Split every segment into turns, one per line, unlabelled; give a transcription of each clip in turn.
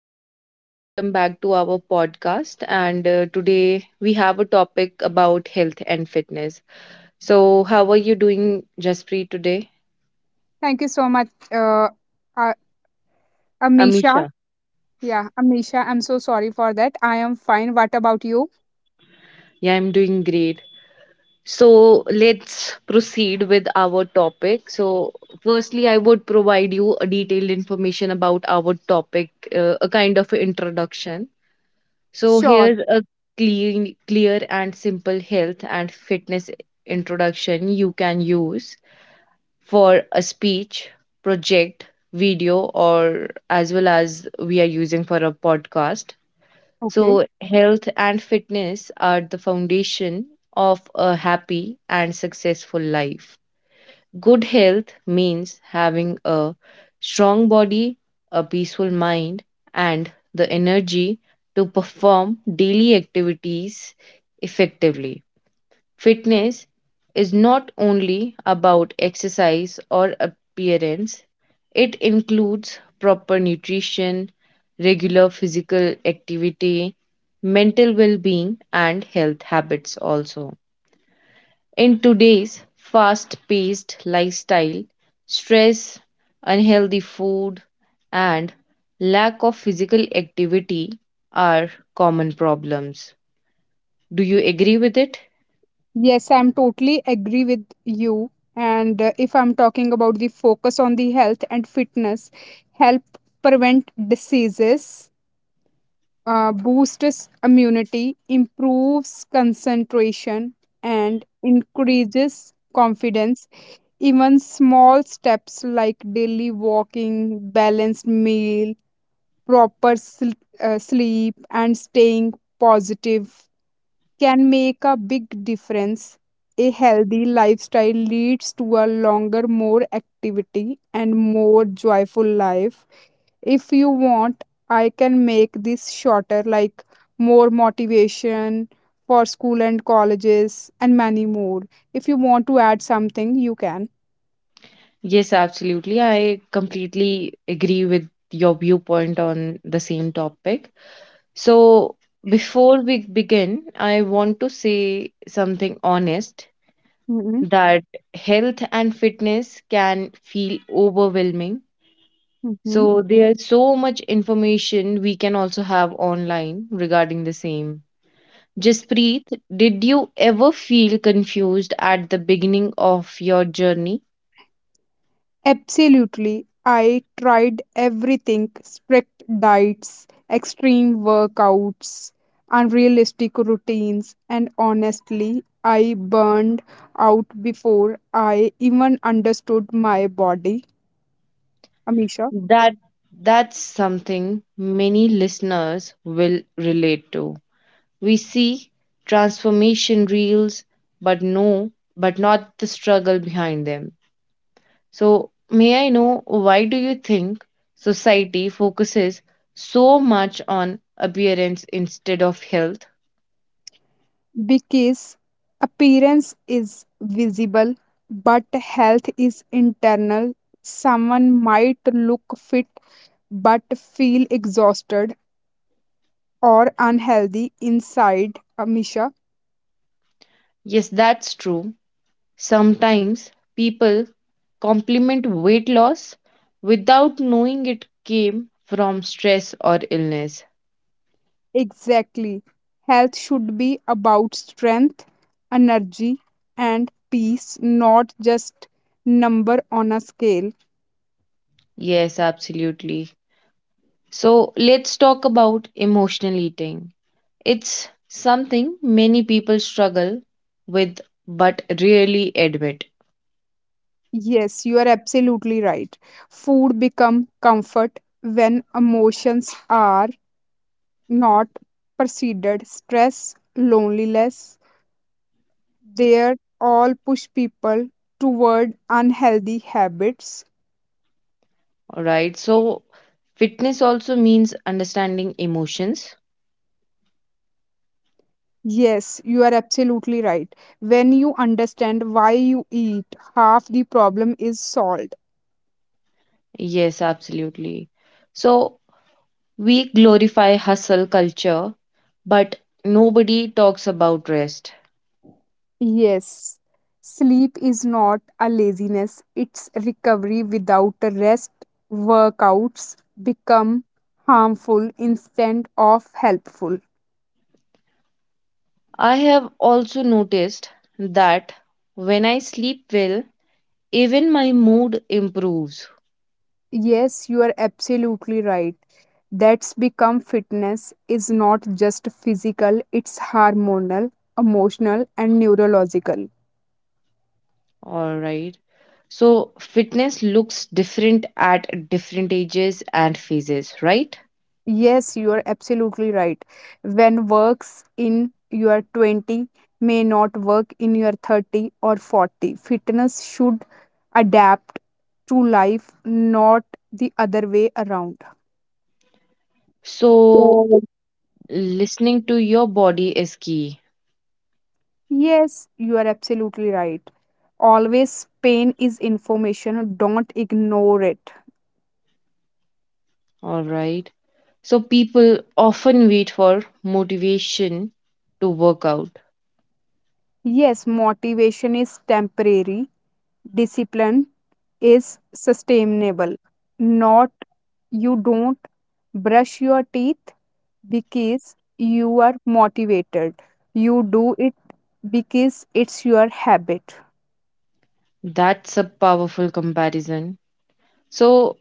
hi Jaspreet. Welcome back to our podcast. And today we have a topic about health and fitness. So, how are you doing, Jaspreet, today?
Thank you so much, uh, Amisha.
Amisha.
Yeah, Amisha, I'm so sorry for that. I am fine. What about you?
Yeah, I'm doing great. So, let's proceed with our topic. So, firstly, I would provide you a detailed information about our topic, a kind of introduction. So,
Sure.
here's a clean, clear and simple health and fitness introduction you can use for a speech, project, video, or as well as we are using for a podcast.
Okay.
So, health and fitness are the foundation of a happy and successful life. Good health means having a strong body, a peaceful mind, and the energy to perform daily activities effectively. Fitness is not only about exercise or appearance, it includes proper nutrition, regular physical activity, mental well being, and health habits also. In today's fast paced lifestyle, stress, unhealthy food, and lack of physical activity are common problems. Do you agree with it?
Yes, I'm totally agree with you. And if I'm talking about the focus on the health and fitness, help prevent diseases, boosts immunity, improves concentration, and increases confidence. Even small steps like daily walking, balanced meal, proper sleep, and staying positive can make a big difference. A healthy lifestyle leads to a longer, more activity, and more joyful life. If you want, I can make this shorter, like more motivation for school and colleges, and many more. If you want to add something, you can.
Yes, absolutely. I completely agree with your viewpoint on the same topic. So, before we begin, I want to say something honest
Mhm.
that health and fitness can feel overwhelming.
Mhm.
So, there's so much information we can also have online regarding the same. Jaspreet, did you ever feel confused at the beginning of your journey?
Absolutely. I tried everything, strict diets, extreme workouts, unrealistic routines, and honestly, I burned out before I even understood my body, Amisha.
That that's something many listeners will relate to. We see transformation reels, but no, but not the struggle behind them. So may I know why do you think society focuses so much on appearance instead of health?
Because appearance is visible, but health is internal. Someone might look fit but feel exhausted or unhealthy inside, Amisha.
Yes, that's true. Sometimes people compliment weight loss without knowing it came from stress or illness.
Exactly. Health should be about strength, energy, and peace, not just number on a scale.
Yes, absolutely. So let's talk about emotional eating. It's something many people struggle with but rarely admit.
Yes, you are absolutely right. Food become comfort when emotions are not preceded. Stress, loneliness, they all push people toward unhealthy habits.
All right. So fitness also means understanding emotions.
Yes, you are absolutely right. When you understand why you eat, half the problem is solved.
Yes, absolutely. So we glorify hustle culture, but nobody talks about rest.
Yes, sleep is not a laziness, it's recovery without a rest. Workouts become harmful instead of helpful.
I have also noticed that when I sleep well, even my mood improves.
Yes, you are absolutely right. That's become fitness is not just physical, it's hormonal, emotional, and neurological.
All right. So, fitness looks different at different ages and phases, right?
Yes, you are absolutely right. When works in your 20 may not work in your 30 or 40. Fitness should adapt to life, not the other way around.
So, listening to your body is key.
Yes, you are absolutely right. Always pain is information, don't ignore it.
All right. So, people often wait for motivation to work out.
Yes, motivation is temporary, discipline is sustainable, not, you don't brush your teeth because you are motivated, you do it because it's your habit.
That's a powerful comparison. So,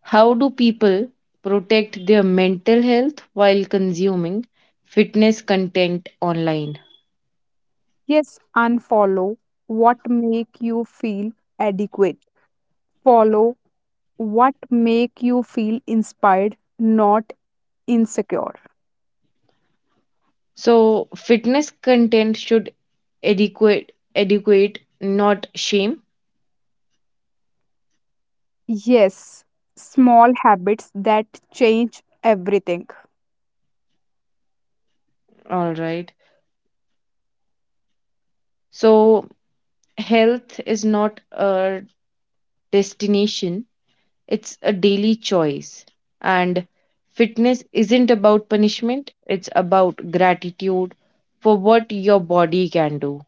how do people protect their mental health while consuming fitness content online?
Yes, unfollow what make you feel adequate, follow what make you feel inspired, not insecure.
So, fitness content should adequate not shame.
Yes, small habits that change everything.
All right. So health is not a destination, it's a daily choice. And fitness isn't about punishment, it's about gratitude for what your body can do.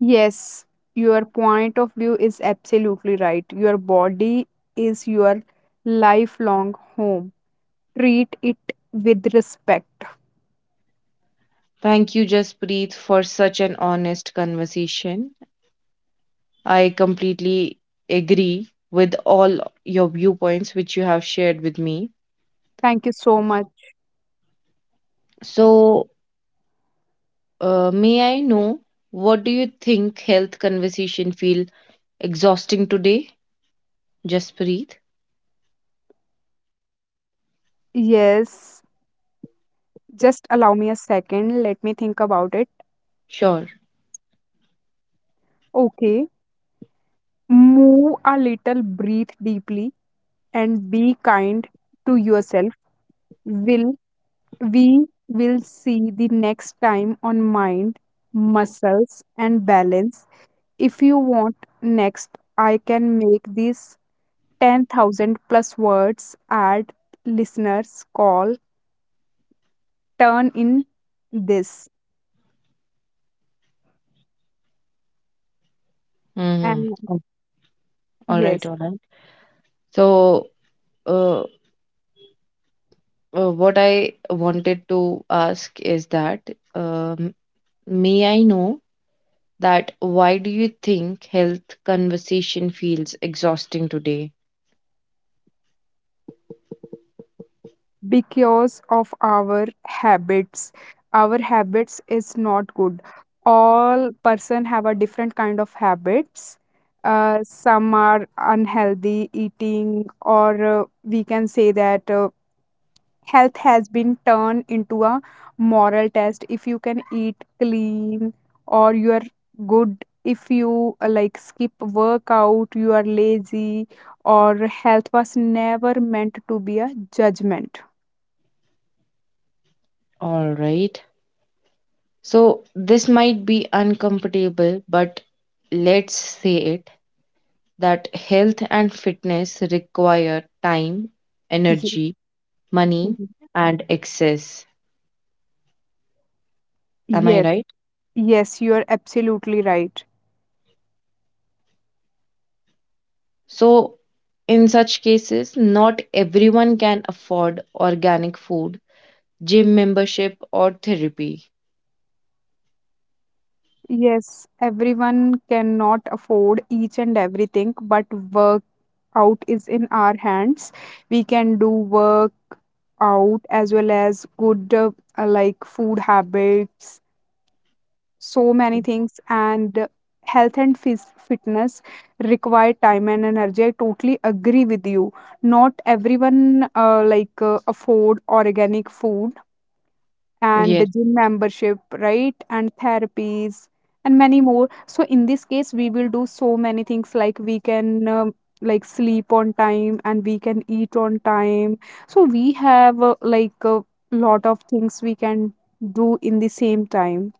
Yes, your point of view is absolutely right. Your body is your lifelong home. Treat it with respect.
Thank you, Jaspreet, for such an honest conversation. I completely agree with all your viewpoints which you have shared with me.
Thank you so much.
So may I know what do you think health conversation feel exhausting today? Just breathe.
Yes, just allow me a second. It.
Sure.
Okay, move a little, breathe deeply, and be kind to yourself. Will we will see the next time on mind, muscles, and balance. If you want next, I can make these 10,000 plus words ad listeners call turn in this.
Mm-hmm.
And
All right,
yes,
all right. So, uh, what I wanted to ask is that um, may I know that why do you think health conversation feels exhausting today?
because of our habits is not good. All person have a different kind of habits. Some are unhealthy eating, or we can say that health has been turned into a moral test. If you can eat clean or you are good, if you like skip workout, you are lazy, or health was never meant to be a judgment.
All right. So, this might be uncomfortable, but let's say it that health and fitness require time,
Yes.
energy, money,
Mhm.
and excess. Am I
Yes.
right?
Yes, you are absolutely right.
So, in such cases, not everyone can afford organic food, gym membership, or therapy.
Yes, everyone cannot afford each and everything, but work out is in our hands. We can do work out as well as good, like food habits, so many things, and health and fitness require time and energy. I totally agree with you. Not everyone like afford organic food and the
Yes,
gym membership, right? And therapies and many more. So in this case, we will do so many things like we can, like, sleep on time and we can eat on time. So we have like a lot of things we can do in the same time.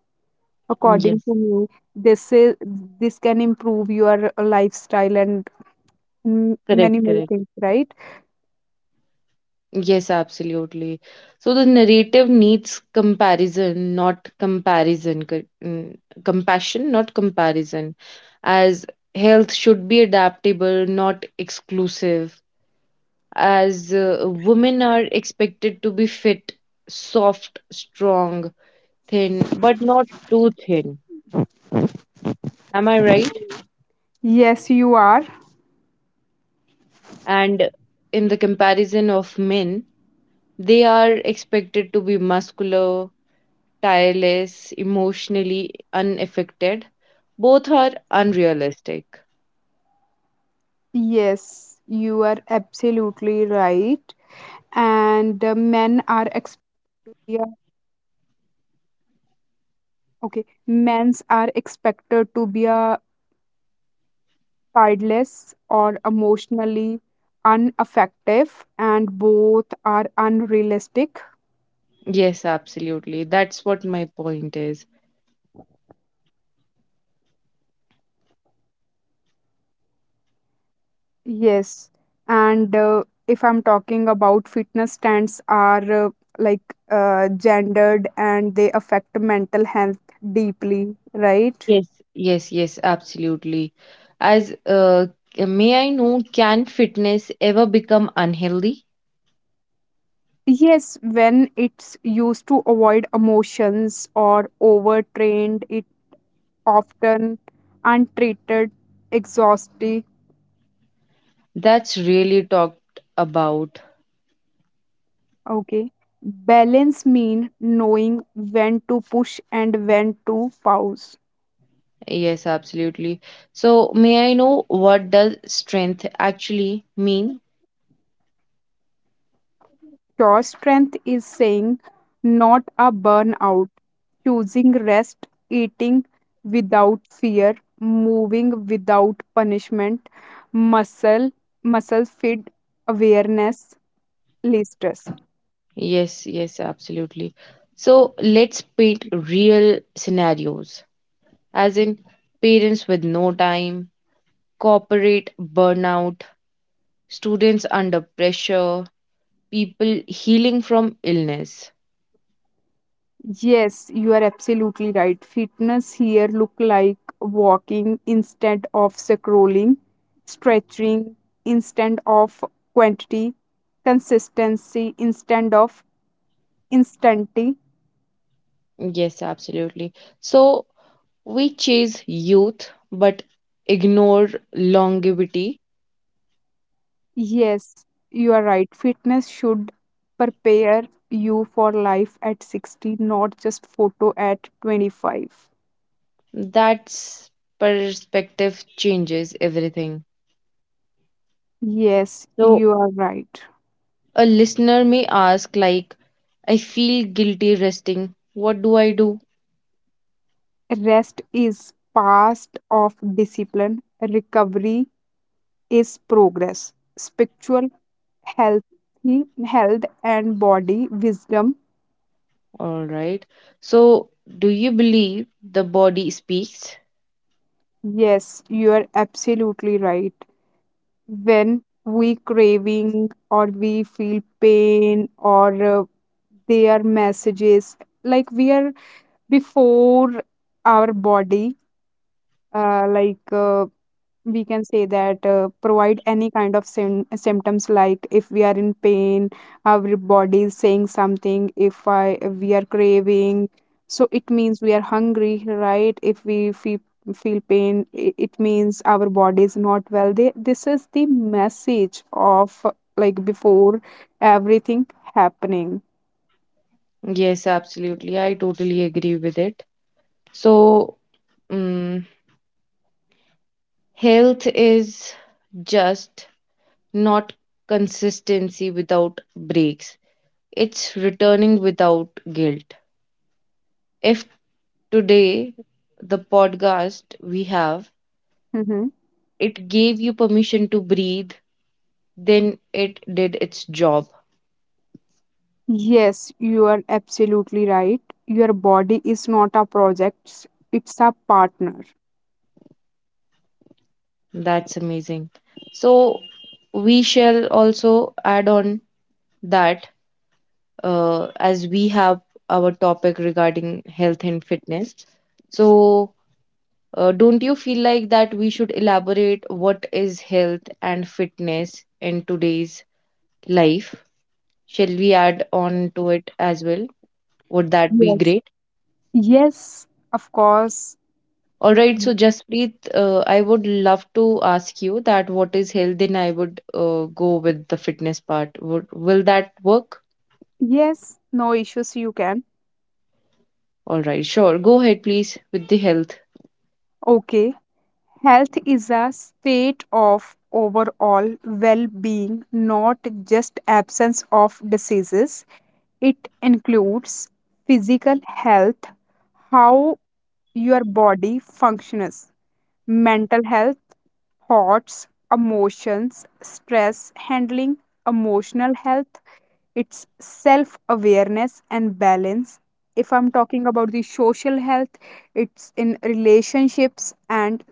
According
yes,
to me, this is this can improve your lifestyle and,
correct,
many more
correct.
things, right?
Yes, absolutely. So the narrative needs comparison, not comparison, compassion, not comparison, as health should be adaptable, not exclusive, as women are expected to be fit, soft, strong, thin, but not too thin. Am I right? And in the comparison of men, they are expected to be muscular, tireless, emotionally unaffected. Both are unrealistic.
Okay, men's are expected to be a childless or emotionally unaffective, and both are unrealistic.
Yes, absolutely. That's what my point is.
Yes, and if I'm talking about fitness stands are like gendered and they affect mental health deeply, right?
Yes, yes, yes, absolutely. As may I know, can fitness ever become unhealthy?
Yes, when it's used to avoid emotions or overtrained, it often untreated exhausty.
That's really talked about.
Okay. Balance means knowing when to push and when to pause.
Yes, absolutely. So, may I know what does strength actually mean?
Your strength is saying not a burnout, choosing rest, eating without fear, moving without punishment, muscle, muscle fit awareness, listless.
Yes, yes, absolutely. So, let's paint real scenarios, as in parents with no time, corporate burnout, students under pressure, people healing from illness.
Yes, you are absolutely right. Fitness here look like walking instead of scrolling, stretching instead of quantity, consistency instead of instanty.
Yes, absolutely. So we chase youth but ignore longevity.
Yes, you are right. Fitness should prepare you for life at 60, not just photo at 25.
That's perspective changes everything.
Yes,
So
you are right.
a listener may ask like I feel guilty resting. What do I do?
Rest is part of discipline. Recovery is progress, spiritual health, health and body wisdom.
All right. So do you believe the body speaks?
Yes, you are absolutely right. When we craving or we feel pain or their messages, like we are before our body, like we can say that provide any kind of symptoms, like if we are in pain our body is saying something. If i we are craving, so it means we are hungry, right? If we feel pain, it means our body is not well, they, this is the message of, like, before everything happening.
Yes, absolutely. I totally agree with it. So, um, health is just not consistency without breaks, it's returning without guilt. If today the podcast we have
Hmm.
it gave you permission to breathe, then it did its job.
Yes, you are absolutely right. Your body is not a project, it's a partner.
That's amazing. So, we shall also add on that as we have our topic regarding health and fitness. So, don't you feel like that we should elaborate what is health and fitness in today's life? Shall we add on to it as well? Would that be
Yes.
great?
Yes, of course.
All right, so Jaspreet, I would love to ask you that what is health, then I would go with the fitness part. Will that work?
Yes, no issues, you can.
All right, sure. Go ahead, please, with the health.
Okay. Health is a state of overall well being, not just absence of diseases. It includes physical health, how your body functions, mental health, thoughts, emotions, stress handling, emotional health, it's self awareness and balance. If I'm talking about the social health, it's in relationships and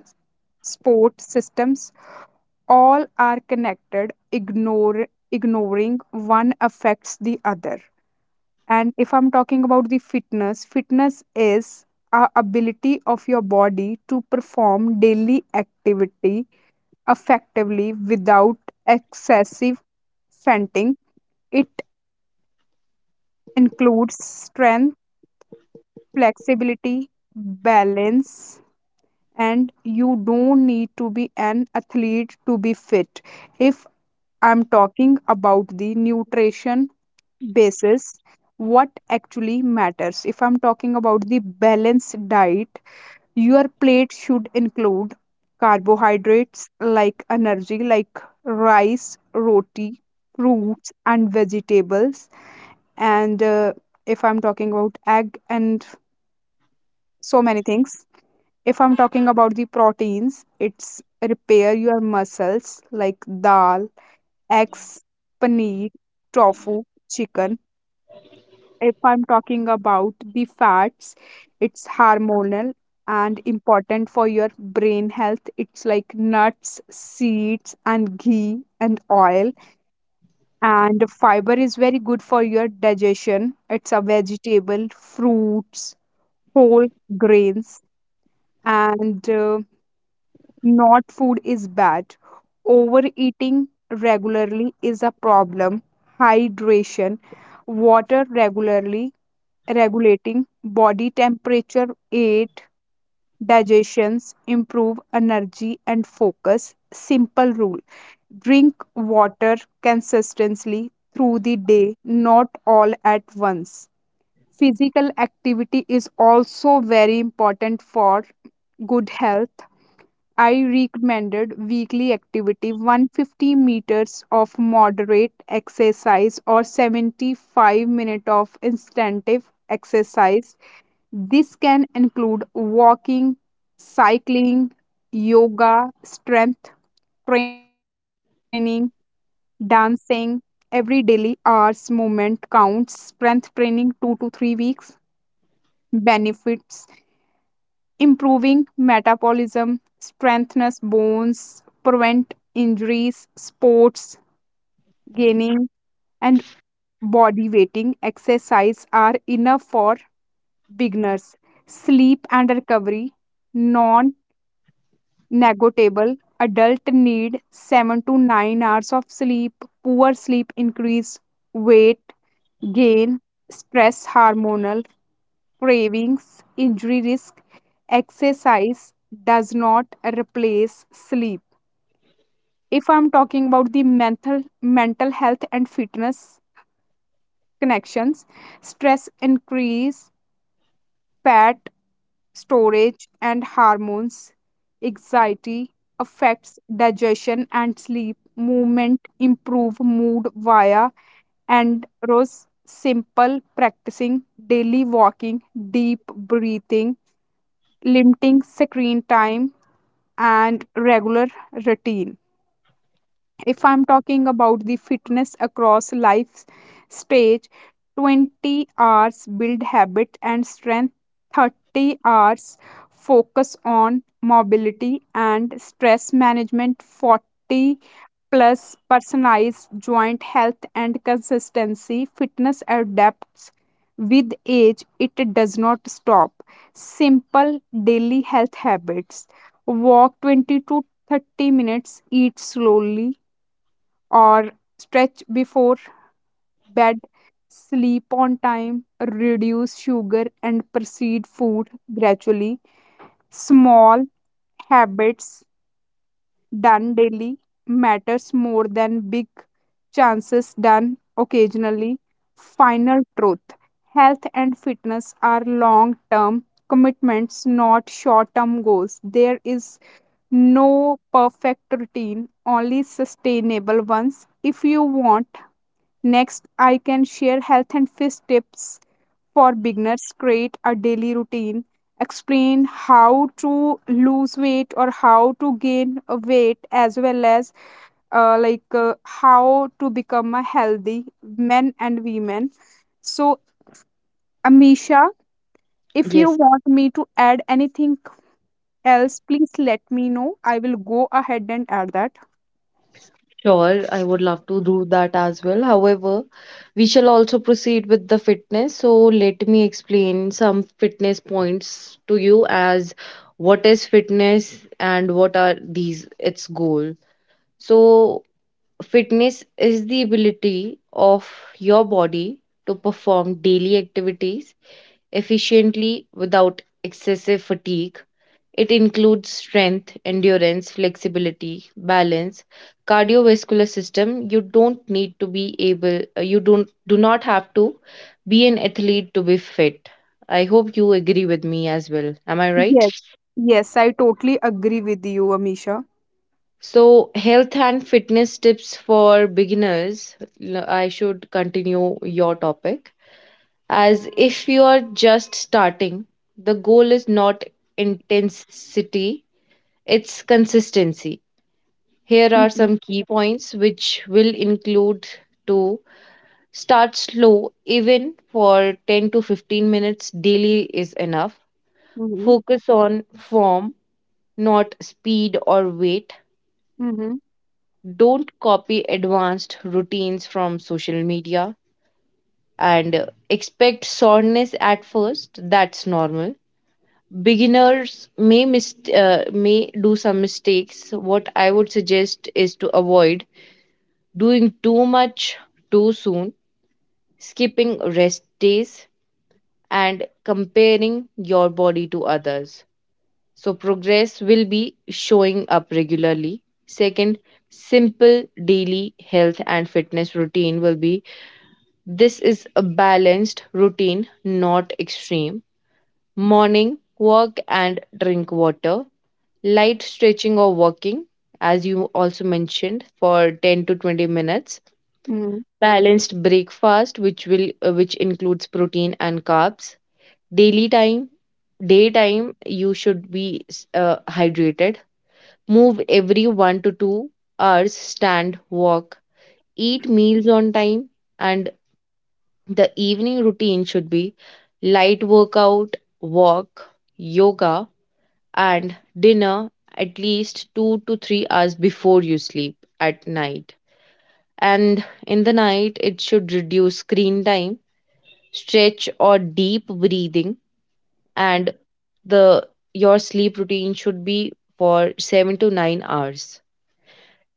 sport systems. All are connected, ignore ignoring one affects the other. And if I'm talking about the fitness is a ability of your body to perform daily activity effectively without excessive fatigue. It includes strength, flexibility, balance, and you don't need to be an athlete to be fit. If I'm talking about the nutrition basis, what actually matters? If I'm talking about the balanced diet, your plate should include carbohydrates like energy, like rice, roti, fruits, and vegetables. And if I'm talking about egg and so many things. If I'm talking about the proteins, it's repair your muscles, like dal, eggs, paneer, tofu, chicken. If I'm talking about the fats, it's hormonal and important for your brain health. It's like nuts, seeds, and ghee and oil. And fiber is very good for your digestion. It's a vegetable, fruits, whole grains, and not food is bad. Overeating regularly is a problem. Hydration, water regularly, regulating body temperature, eight digestions, improve energy and focus. Simple rule. Drink water consistently through the day, not all at once. Physical activity is also very important for good health. I recommended weekly activity 150 meters of moderate exercise or 75 minutes of intensive exercise. This can include walking, cycling, yoga, strength training, dancing. Every daily hours movement counts. Strength training 2 to 3 weeks. Benefits improving metabolism, strengthens bones, prevent injuries, sports, gaining, and body weighting exercise are enough for beginners. Sleep and recovery, non negotiable. Adult need 7 to 9 hours of sleep. Poor sleep increase weight gain, stress hormonal cravings, injury risk. Exercise does not replace sleep. If I'm talking about the mental health and fitness connections, stress increase fat storage and hormones, anxiety affects digestion and sleep. Movement improve mood via and rose. Simple practicing daily walking, deep breathing, limiting screen time, and regular routine. If I'm talking about the fitness across life stage, 20 hours build habit and strength, 30 hours focus on mobility and stress management, 40 plus personalized joint health and consistency. Fitness adapts with age, it does not stop. Simple daily health habits, walk 20 to 30 minutes, eat slowly or stretch before bed, sleep on time, reduce sugar, and proceed food gradually. Small habits done daily matters more than big chances done occasionally. Final truth, health and fitness are long term commitments, not short term goals. There is no perfect routine, only sustainable ones. If you want. Next, I can share health and fitness tips for beginners, create a daily routine, explain how to lose weight or how to gain weight, as well as like how to become a healthy men and women. So, Amisha, if you
Yes.
want me to add anything else, please let me know. I will go ahead and add that.
Sure, I would love to do that as well. However, we shall also proceed with the fitness. So, let me explain some fitness points to you as what is fitness and what are these its goal. So, fitness is the ability of your body to perform daily activities efficiently without excessive fatigue. It includes strength, endurance, flexibility, balance, cardiovascular system. You don't, do not have to be an athlete to be fit. I hope you agree with me as well. Am I right?
Yes. Yes, I totally agree with you, Amisha.
So, health and fitness tips for beginners. I should continue your topic. As if you are just starting, the goal is not intensity, it's consistency. Here are
Mm-hmm.
some key points which will include to start slow, even for 10 to 15 minutes daily is enough.
Mm-hmm.
Focus on form, not speed or weight.
Mm-hmm.
Don't copy advanced routines from social media and expect soreness at first. That's normal. Beginners may may do some mistakes. What I would suggest is to avoid doing too much too soon, skipping rest days, and comparing your body to others. So, progress will be showing up regularly. Second, simple daily health and fitness routine will be, this is a balanced routine, not extreme. Morning, walk and drink water, light stretching or walking, as you also mentioned, for 10 to 20 minutes.
Mm-hmm.
Balanced breakfast which includes protein and carbs. Daily time Daytime you should be hydrated, move every 1 to 2 hours, stand, walk, eat meals on time. And the evening routine should be light workout, walk, yoga, and dinner at least 2 to 3 hours before you sleep at night. And in the night, it should reduce screen time, stretch or deep breathing. And the your sleep routine should be for 7 to 9 hours.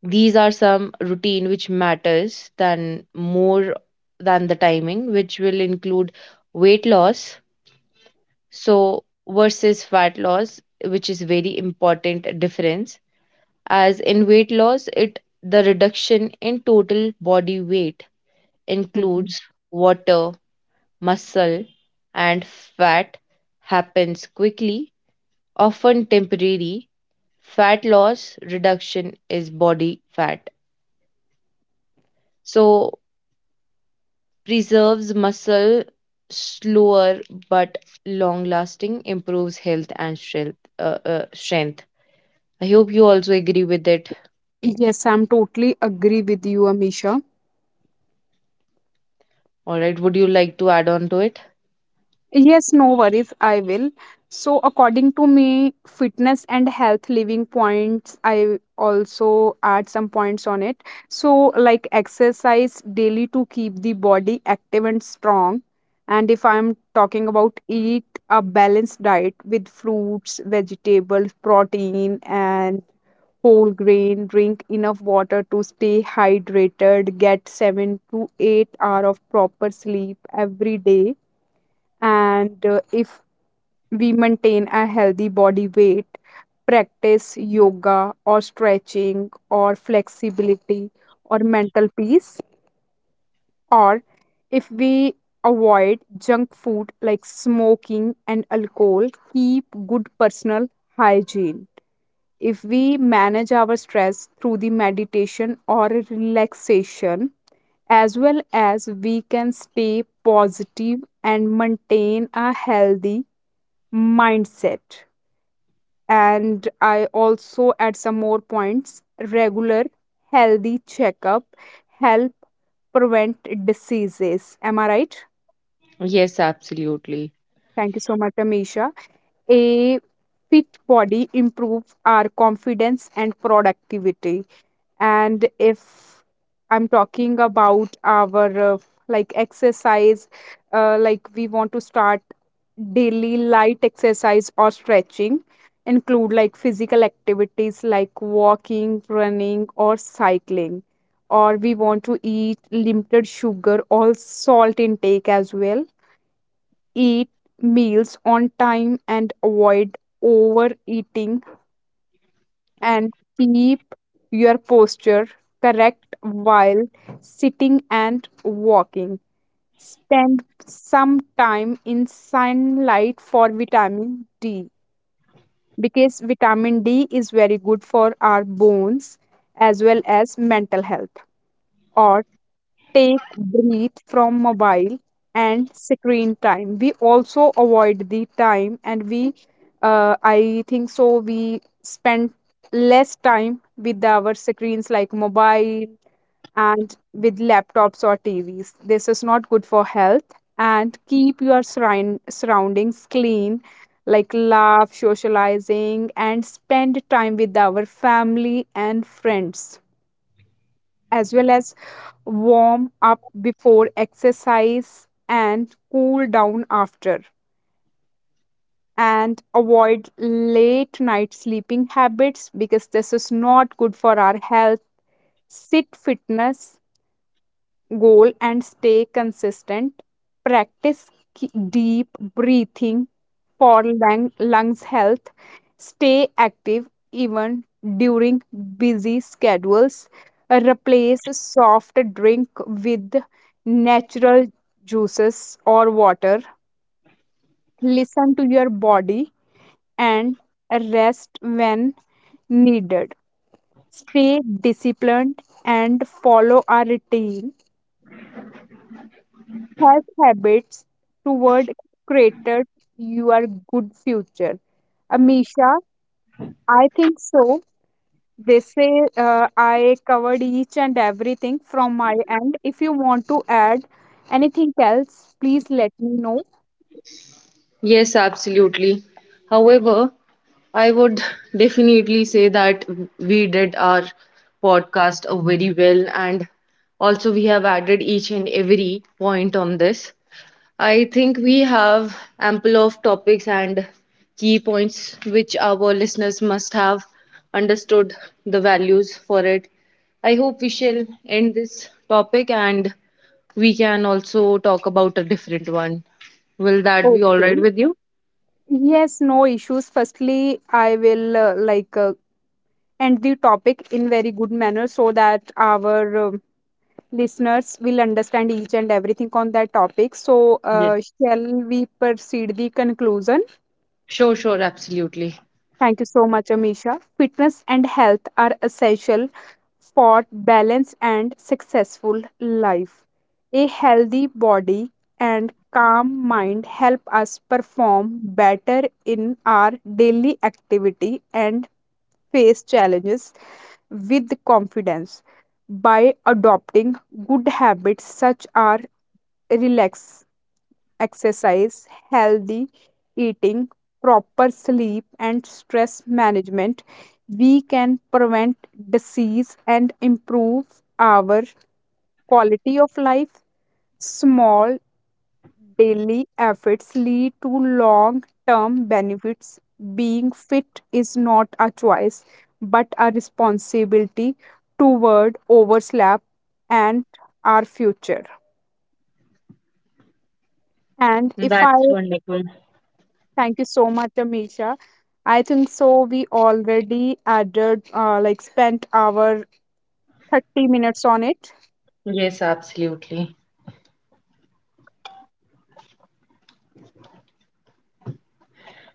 These are some routine which matters, than more than the timing, which will include weight loss. So, versus fat loss, which is very important difference. As in weight loss, it the reduction in total body weight
Mm-hmm.
includes water, muscle, and fat, happens quickly, often temporary. Fat loss reduction is body fat. So, preserves muscle, slower but long lasting, improves health and strength. Strength. I hope you also agree with it.
Yes, I'm totally agree with you, Amisha.
All right, would you like to add on to it?
Yes, no worries, I will. So, according to me, fitness and health living points, I also add some points on it. So, like exercise daily to keep the body active and strong. And if I'm talking about, eat a balanced diet with fruits, vegetables, protein, and whole grain, drink enough water to stay hydrated, get 7 to 8 hour of proper sleep every day. And if we maintain a healthy body weight, practice yoga or stretching or flexibility or mental peace, or if we avoid junk food like smoking and alcohol, keep good personal hygiene, if we manage our stress through the meditation or relaxation, as well as we can stay positive and maintain a healthy mindset. And I also add some more points. Regular healthy checkup help prevent diseases. Am I right?
Yes, absolutely.
Thank you so much, Amisha. A fit body improves our confidence and productivity. And if I'm talking about our like exercise, like we want to start daily light exercise or stretching, include like physical activities like walking, running, or cycling, or we want to eat limited sugar or salt intake as well, eat meals on time and avoid overeating, and keep your posture correct while sitting and walking. Spend some time in sunlight for vitamin D, because vitamin D is very good for our bones as well as mental health. Or take breathe from mobile and screen time, we also avoid the time, and we, I think so we spend less time with our screens like mobile and with laptops or TVs. This is not good for health. And keep your surroundings clean, like laugh, socializing and spend time with our family and friends, as well as warm up before exercise and cool down after, and avoid late night sleeping habits because this is not good for our health. Sit fitness goal and stay consistent. Practice ki- deep breathing for lungs health. Stay active even during busy schedules. Replace soft drink with natural juices or water. Listen to your body and rest when needed. Stay disciplined and follow a routine, health habits toward created your good future. Amisha, I think so. They say, I covered each and everything from my end. If you want to add anything else, please let me know.
Yes, absolutely. However, I would definitely say that we did our podcast very well, and also we have added each and every point on this. I think we have ample of topics and key points which our listeners must have understood the values for it. I hope we shall end this topic and we can also talk about a different one. Will that be all right
Okay.
with you?
Yes, no issues. Firstly, I will, like, end the topic in very good manner so that our listeners will understand each and everything on that topic. So,
Yes.
shall we proceed the conclusion?
Sure, sure, absolutely.
Thank you so much, Amisha. Fitness and health are essential for balance and successful life. A healthy body and calm mind help us perform better in our daily activity and face challenges with confidence. By adopting good habits such as relax, exercise, healthy eating, proper sleep, and stress management, we can prevent disease and improve our quality of life. Small daily efforts lead to long term benefits. Being fit is not a choice but a responsibility toward overslap and our future. And if I
That's wonderful.
Thank you so much, Amisha. I think so. We already added, like, spent our 30 minutes on it.
Yes, absolutely.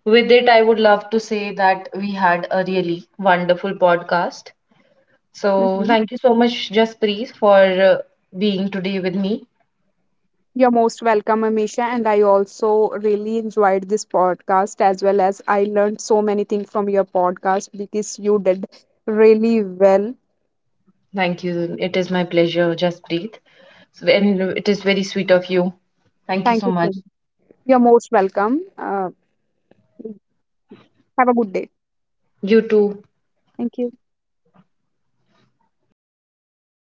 With it, I would love to say that we had a really wonderful podcast. So
Mhm.
thank you so much, Jaspreet, for being today with me.
You're most welcome, Amisha. And I also really enjoyed this podcast as well as I learned so many things from your podcast because you did really well.
Thank you. It is my pleasure, Jaspreet. So, and it is very sweet of you. Thank you
Thank
so
you so
much.
much. You're most welcome. Have a good day.
You too.
Thank you.